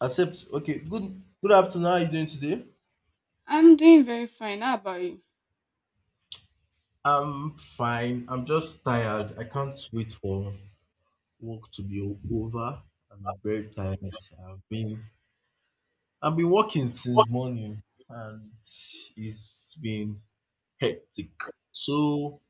Accept. Okay. Good. Good afternoon. How are you doing today? I'm doing very fine. How about you? I'm fine. I'm just tired. I can't wait for work to be over. I'm very tired. I've been I've been working since morning, and it's been hectic. So,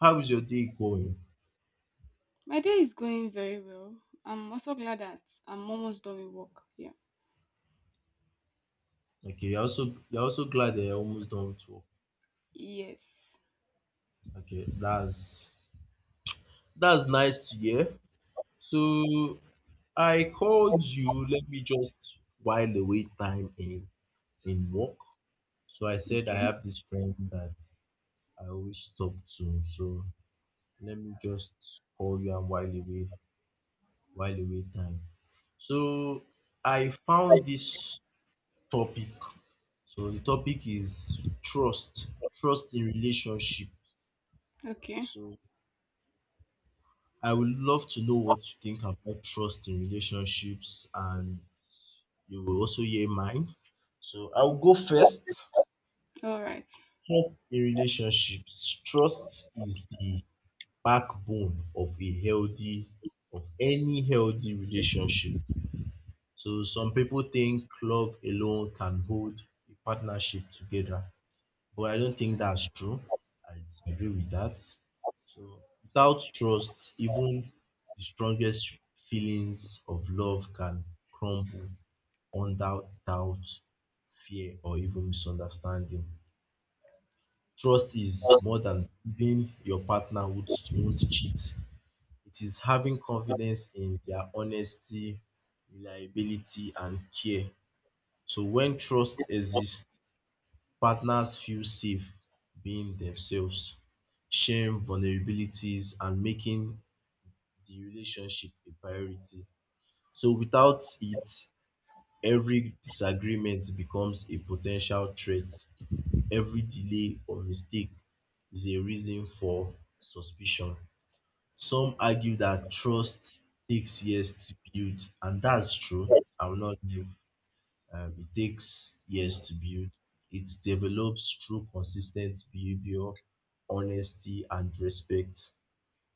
how is your day going? My day is going very well. I'm also glad that I'm almost done with work. Yeah. Okay. You're also glad that you're almost done with work. Yes. Okay. That's nice to hear. So I called you. Let me just while away time in work. So I said I Okay. have this friend that I always talk to. So let me just call you and while away time. So I found this topic. So the topic is trust in relationships. Okay. So I would love to know what you think about trust in relationships, and you will also hear mine. So I'll go first. All right. Trust in relationships. Trust is the backbone of a healthy of any healthy relationship. So some people think love alone can hold a partnership together, but I don't think that's true. I disagree with that. So without trust, even the strongest feelings of love can crumble under doubt, fear, or even misunderstanding. Trust is more than believing your partner won't cheat. It is having confidence in their honesty, reliability, and care. So when trust exists, partners feel safe being themselves, sharing vulnerabilities, and making the relationship a priority. So without it, every disagreement becomes a potential threat. Every delay or mistake is a reason for suspicion. Some argue that trust takes years to build, and that's true. I will not give. It takes years to build. It develops through consistent behavior, honesty, and respect.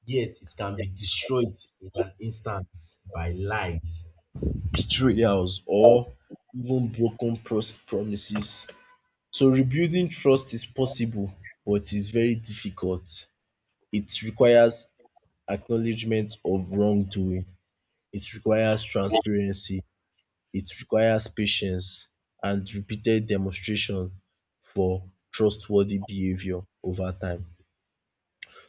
Yet, it can be destroyed in an instant by lies, betrayals, or even broken promises. So, rebuilding trust is possible, but it's very difficult. It requires acknowledgement of wrongdoing, it requires transparency, it requires patience and repeated demonstration for trustworthy behavior over time.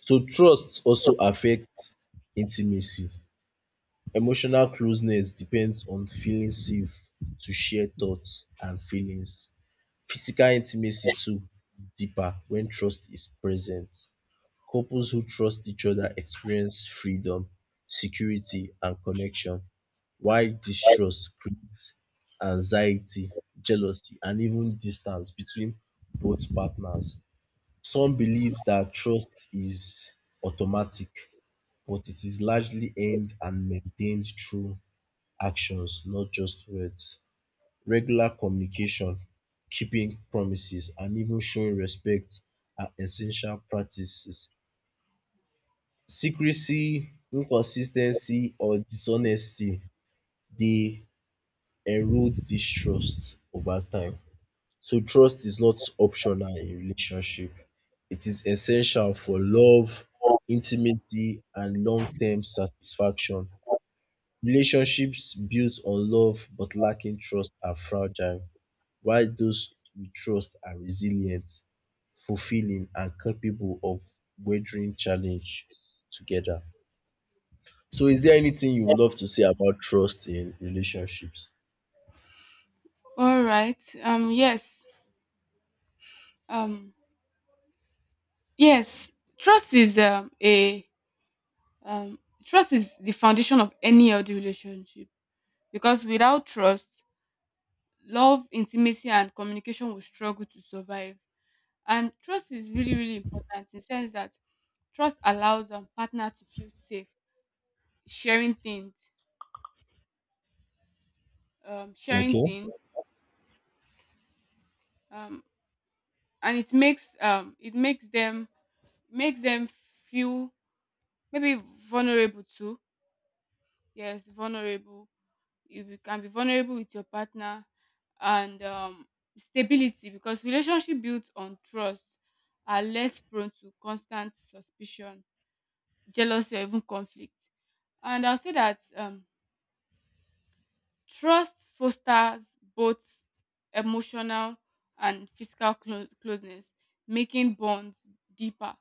So trust also affects intimacy. Emotional closeness depends on feeling safe to share thoughts and feelings. Physical intimacy too is deeper when trust is present. Couples who trust each other experience freedom, security, and connection, while distrust creates anxiety, jealousy, and even distance between both partners. Some believe that trust is automatic, but it is largely earned and maintained through actions, not just words. Regular communication, keeping promises, and even showing respect are essential practices. Secrecy, inconsistency, or dishonesty dey erode this trust over time. So trust is not optional in relationship. It is essential for love, intimacy, and long term satisfaction. Relationships built on love but lacking trust are fragile, while those we trust are resilient, fulfilling, and capable of weathering challenges together. So is there anything you would love to say about trust in relationships? All right. Yes. Um. Yes. Trust is um a um trust is the foundation of any healthy relationship because without trust, love, intimacy, and communication will struggle to survive. And trust is really important in sense that trust allows partner to feel safe sharing things, um, sharing Okay. things, um, and it makes them feel maybe vulnerable too. Yes, vulnerable. If you can be vulnerable with your partner, and stability because relationship built on trust are less prone to constant suspicion, jealousy, or even conflict. And I'll say that trust fosters both emotional and physical closeness, making bonds deeper.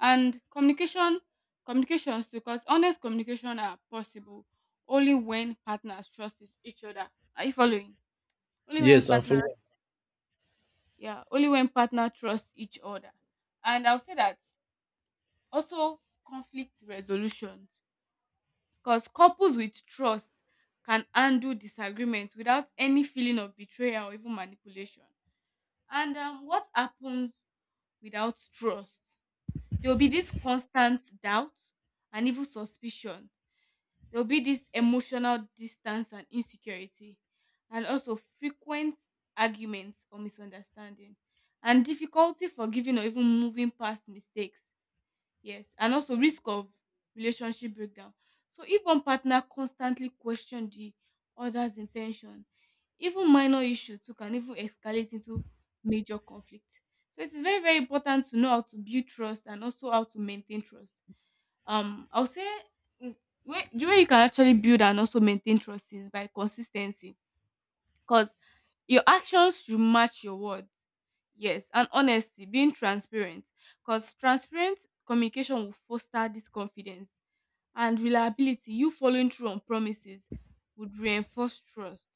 And communications because honest communication are possible only when partners trust each other. Are you following? Only when Yes, I'm partner, following. yeah, Only when partner trust each other. And I'll say that also conflict resolution. Because couples with trust can handle disagreement without any feeling of betrayal or even manipulation. And what happens without trust? There will be this constant doubt and even suspicion. There will be this emotional distance and insecurity, and also frequent arguments or misunderstanding, and difficulty forgiving or even moving past mistakes. Yes, and also risk of relationship breakdown. So if one partner constantly question the other's intention, even minor issues too can even escalate into major conflict. So it is very, very important to know how to build trust and also how to maintain trust. I'll say mm, the way you can actually build and also maintain trust is by consistency because your actions should match your words. Yes, and honesty, being transparent. Because transparent communication will foster this confidence and reliability. You following through on promises would reinforce trust,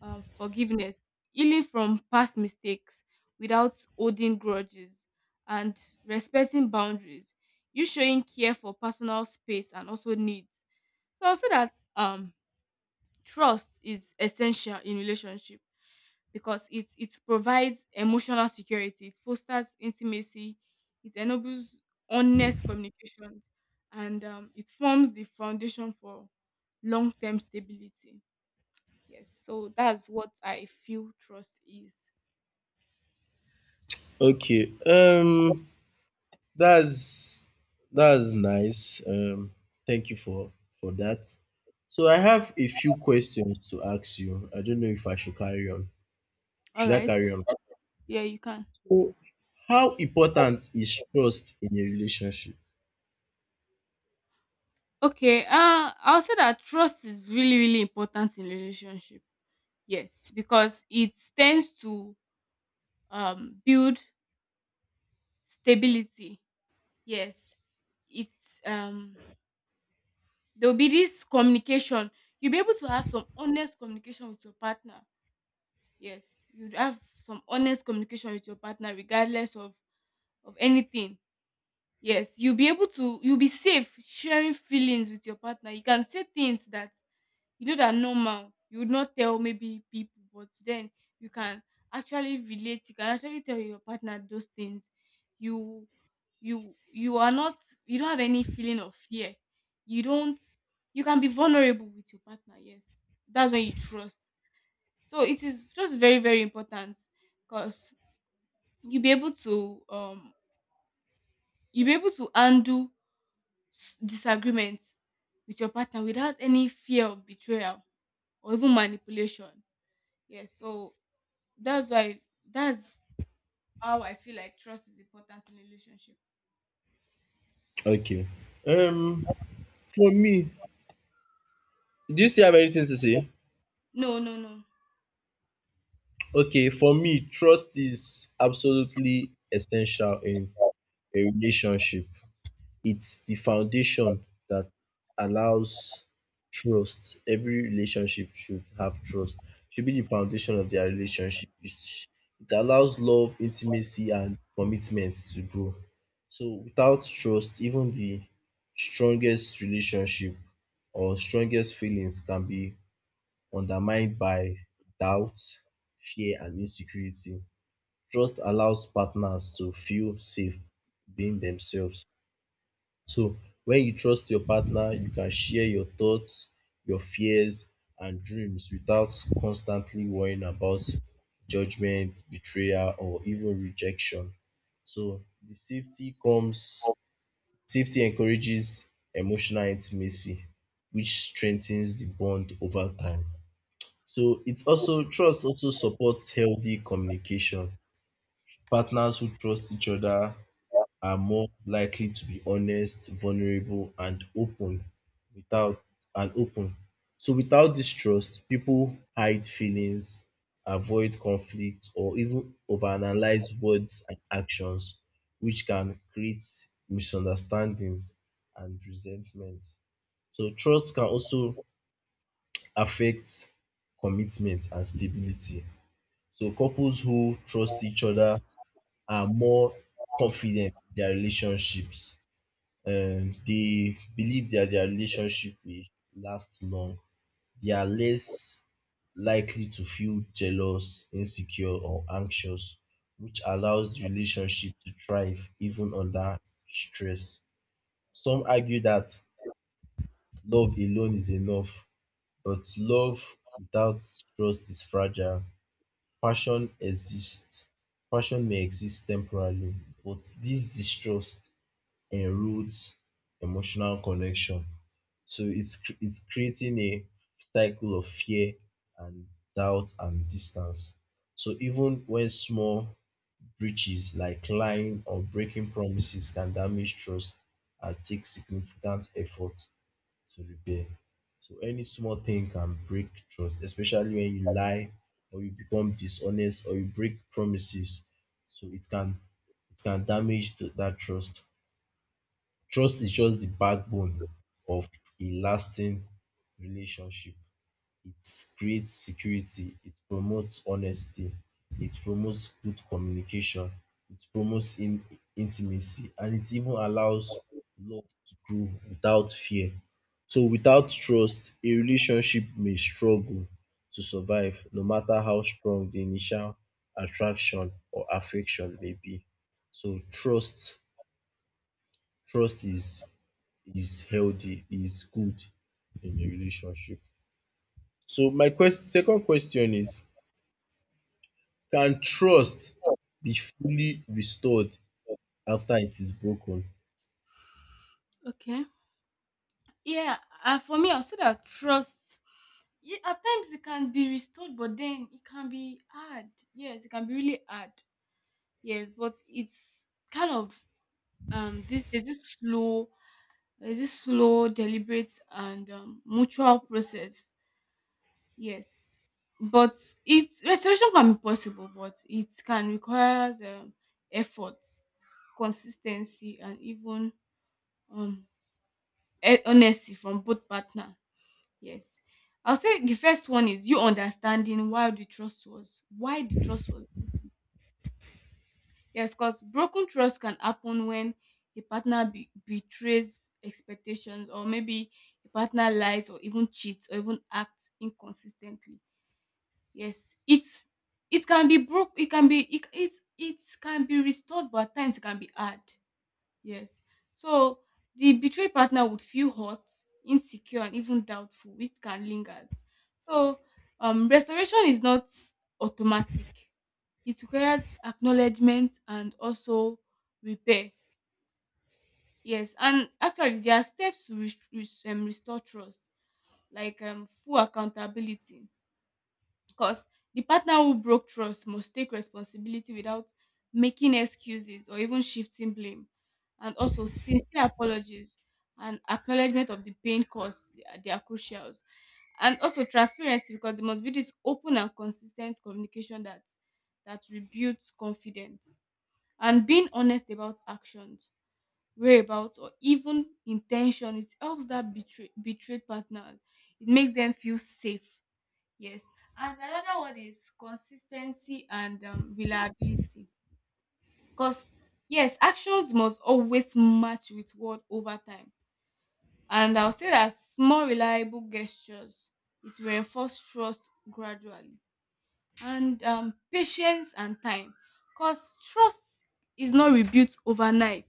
forgiveness, healing from past mistakes without holding grudges, and respecting boundaries. You showing care for personal space and also needs. So I'll say that trust is essential in relationship because it provides emotional security, it fosters intimacy, it enables honest communications, and it forms the foundation for long term stability. Yes, so that's what I feel trust is. Okay. That's that's nice. Thank you for that. So I have a few questions to ask you. I don't know if I should carry on. All Should I right. carry on? Yeah, you can. So how important is trust in a relationship? Okay. I'll say that trust is really, really important in relationship. Yes, because it tends to build stability. Yes, it's there will be this communication. You'll be able to have some honest communication with your partner. Yes, you'd have some honest communication with your partner regardless of anything. Yes, you'll be safe sharing feelings with your partner. You can say things that you know that normal you would not tell maybe people, but then you can actually relate, you can actually tell your partner those things. You you are not you don't have any feeling of fear. You don't you can be vulnerable with your partner, yes. That's when you trust. So it is just very, very important because you'll be able to um you'll be able to undo disagreements with your partner without any fear of betrayal or even manipulation. Yes, so that's why that's how I feel like trust is important in a relationship. Okay. Um for me, do you still have anything to say? No, no, no. Okay, for me, trust is absolutely essential in a relationship. It's the foundation that allows trust. Every relationship should have trust. Should be the foundation of their relationship. It allows love, intimacy, and commitment to grow. So without trust, even the strongest relationship or strongest feelings can be undermined by doubt, fear, and insecurity. Trust allows partners to feel safe being themselves. So when you trust your partner, you can share your thoughts, your fears, and dreams without constantly worrying about judgment, betrayal, or even rejection. So safety encourages emotional intimacy, which strengthens the bond over time. So it also trust also supports healthy communication. Partners who trust each other are more likely to be honest, vulnerable, and open without and open. So without this trust, people hide feelings, avoid conflict, or even overanalyze words and actions, which can create misunderstandings and resentment. So trust can also affect commitment and stability. So couples who trust each other are more confident in their relationships. They believe that their relationship will last long. They are less likely to feel jealous, insecure, or anxious, which allows the relationship to thrive even under stress. Some argue that love alone is enough, but love without trust is fragile. Passion exists. Passion may exist temporarily, but this distrust enroutes emotional connection. So it's creating a cycle of fear and doubt and distance. So even when small breaches like lying or breaking promises can damage trust and take significant effort to repair. So any small thing can break trust, especially when you lie or you become dishonest or you break promises. So it can damage that trust. Trust is just the backbone of a lasting relationship. It creates security, it promotes honesty, it promotes good communication, it promotes intimacy, and it even allows love to grow without fear. So, without trust, a relationship may struggle to survive, no matter how strong the initial attraction or affection may be. So, trust is healthy, is good in a relationship. So my quest second question is, can trust be fully restored after it is broken? Okay. Yeah, and for me, I'll say that trust. Yeah, at times it can be restored, but then it can be hard. Yes, it can be really hard. Yes, but it's kind of this there's this slow, deliberate and mutual process. Yes, but it's restoration can be possible, but it can requires effort, consistency, and even um, honesty from both partner. Yes, I'll say the first one is you understanding why the trust was. Yes, because broken trust can happen when a partner betrays expectations, or maybe a partner lies, or even cheats, or even acts inconsistently. Yes, it can be broke. It can be it it, it can be restored, but at times it can be hard. Yes. So the betrayed partner would feel hurt, insecure, and even doubtful, which can linger. So restoration is not automatic. It requires acknowledgement and also repair. Yes, and actually there are steps to restore trust, like full accountability because the partner who broke trust must take responsibility without making excuses or even shifting blame. And also, sincere apologies and acknowledgement of the pain caused, they are crucial. And also, transparency because there must be this open and consistent communication that rebuilds confidence. And being honest about actions, whereabouts, or even intention, it helps that betrayed partner. It makes them feel safe. Yes. And another one is consistency and reliability. Because, yes, actions must always match with word over time. And I'll say that small, reliable gestures, it will reinforce trust gradually. And patience and time. Because trust is not rebuilt overnight.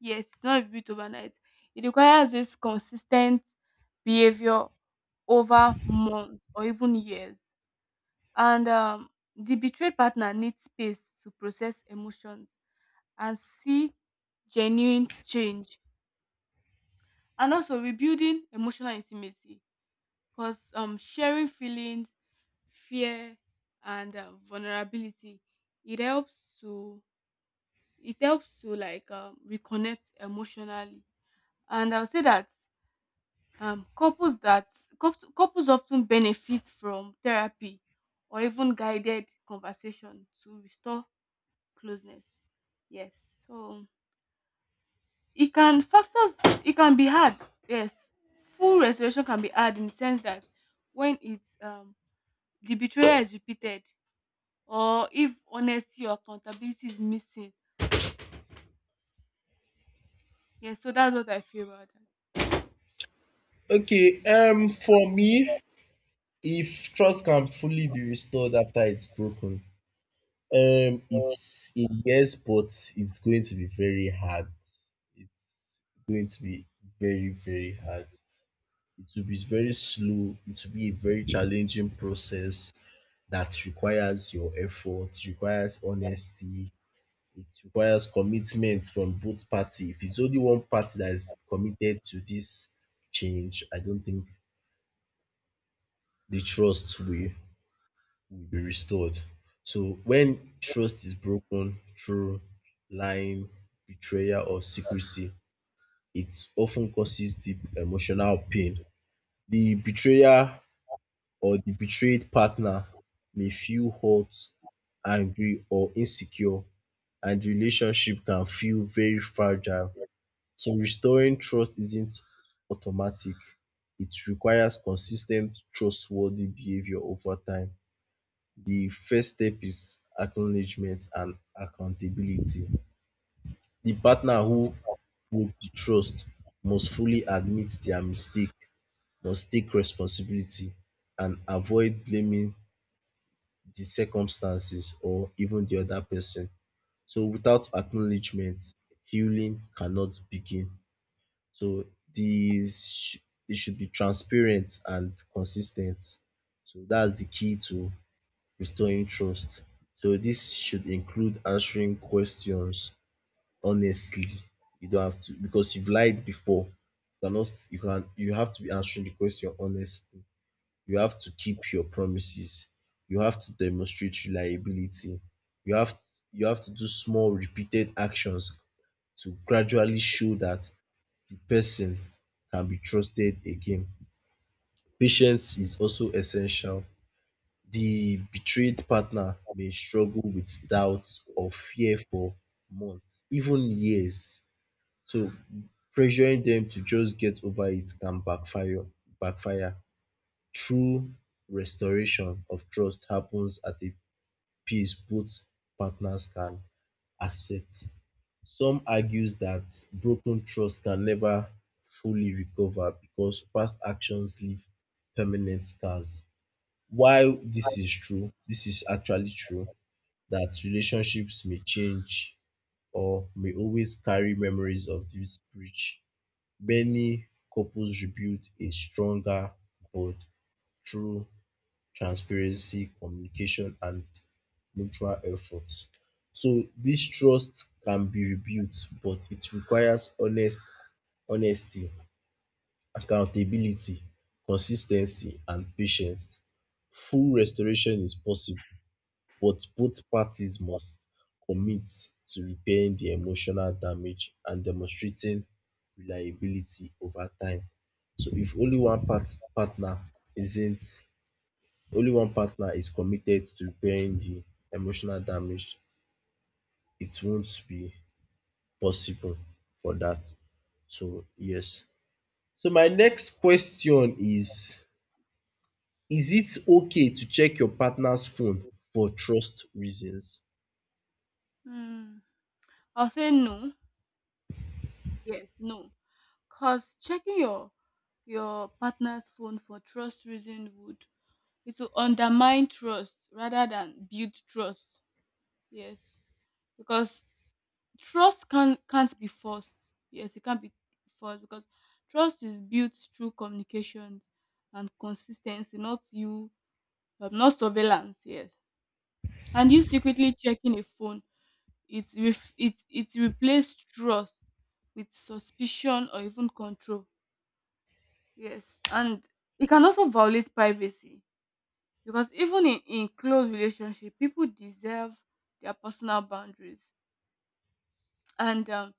Yes, it's not rebuilt overnight. It requires this consistent behavior over months or even years. And the betrayed partner needs space to process emotions and see genuine change. And also rebuilding emotional intimacy because sharing feelings, fear, and vulnerability, it helps to it helps to reconnect emotionally. And I'll say that um, couples that couples often benefit from therapy or even guided conversation to restore closeness. Yes. So it can factors it can be hard. Yes. Full restoration can be hard in the sense that when it's the betrayal is repeated or if honesty or accountability is missing. Yes, so that's what I feel about Okay, for me, if trust can fully be restored after it's broken, that. it's a yes, but it's going to be very hard. It's going to be very, very hard. It will be very slow, it will be a very challenging process. That requires your effort, requires honesty, it requires commitment from both party. If it's only one party that is committed to this change, I don't think the trust will be restored. So when trust is broken through lying, betrayal, or secrecy, it often causes deep emotional pain. The betrayer or the betrayed partner may feel hurt, angry, or insecure, and relationships can feel very fragile. So restoring trust isn't automatic. It requires consis ten t trustworthy behavior over time. The first step is acknowledgement and accountability. The partner who broke the trust must fully admit their mistake, must take responsibility, and avoid blaming the circumstances or even the other person. So without acknowledgement, healing cannot begin. So this sh- it should be transparent and consistent. So that's the key to restoring trust. So this should include answering questions honestly. You don't have to because you've lied before. You cannot, you can, you have to be answering the question honestly. You have to keep your promises. You have to demonstrate reliability. You have you have to do small repeated actions to gradually show that the person can be trusted again. Patience is also essential. The betrayed partner may struggle with doubts or fear for months, even years. So pressuring them to just get over it can backfire. True restoration of trust happens at a pace both partners can accept. Some argues that broken trust can never fully recover because past actions leave permanent scars. While this is true, this is actually true that relationships may change or may always carry memories of this breach, many couples rebuild a stronger bond through transparency, communication, and mutual effort. So this trust can be rebuilt, but it requires honesty, accountability, consis ten cy, and patience. Full restoration is possible, but both parties must commit to repairing the emotional damage and demonstrating reliability over time. So if only one partner isn't, only one partner is committed to repairing the emotional damage, it won't be possible for that. So yes. So my next question is it okay to check your partner's phone for trust reasons? Hmm. I'll say no. Yes, no. Cause checking your partner's phone for trust reason would it will undermine trust rather than build trust. Yes. Because trust can't be forced. Yes, it can't be forced because trust is built through communication and consistency, not not surveillance. Yes, and you secretly checking a phone, it's ref- it's replaced trust with suspicion or even control. Yes, and it can also violate privacy because even in close relationship, people deserve their personal boundaries and um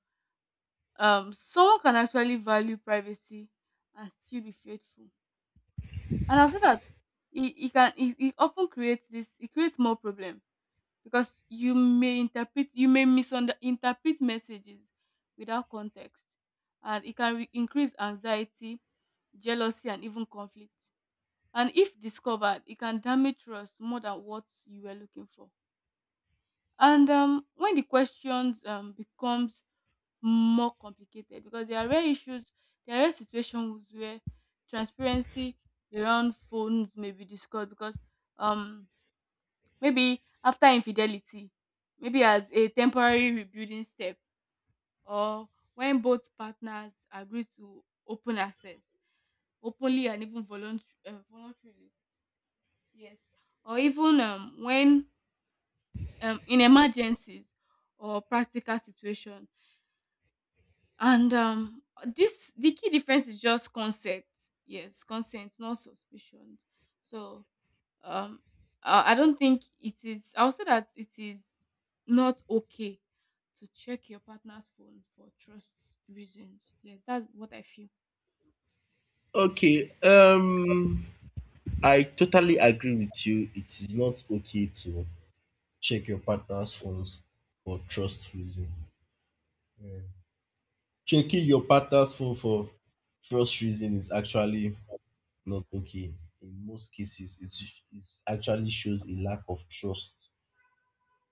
um someone can actually value privacy and still be faithful. And I'll say that it often creates this it creates more problem because you may misinterpret messages without context, and it can increase anxiety, jealousy and even conflict, and if discovered it can damage trust more than what you were looking for. And when the questions becomes more complicated because there are rare issues, there are rare situations where transparency around phones may be discussed because um maybe after infidelity, maybe as a temporary rebuilding step, or when both partners agree to open access openly and even voluntarily. Yes. Or even when in emergencies or practical situation. And this the key difference is just consent. Yes, consent, not suspicion. So um, I don't think it is. I'll say that it is not okay to check your partner's phone for trust reasons. Yes, that's what I feel. Okay, I totally agree with you. It is not okay to check your partner's phones for trust reason. Yeah. Checking your partner's phone for trust reason is actually not okay. In most cases, it actually shows a lack of trust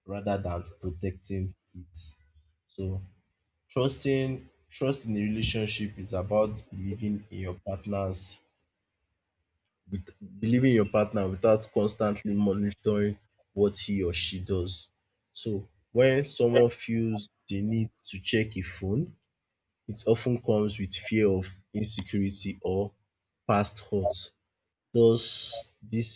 rather than protecting it. So trust in a relationship is about with, believing in your partner without constantly monitoring what he or she does. So when someone feels the need to check a phone, it often comes with fear of insecurity or past hurt, thus this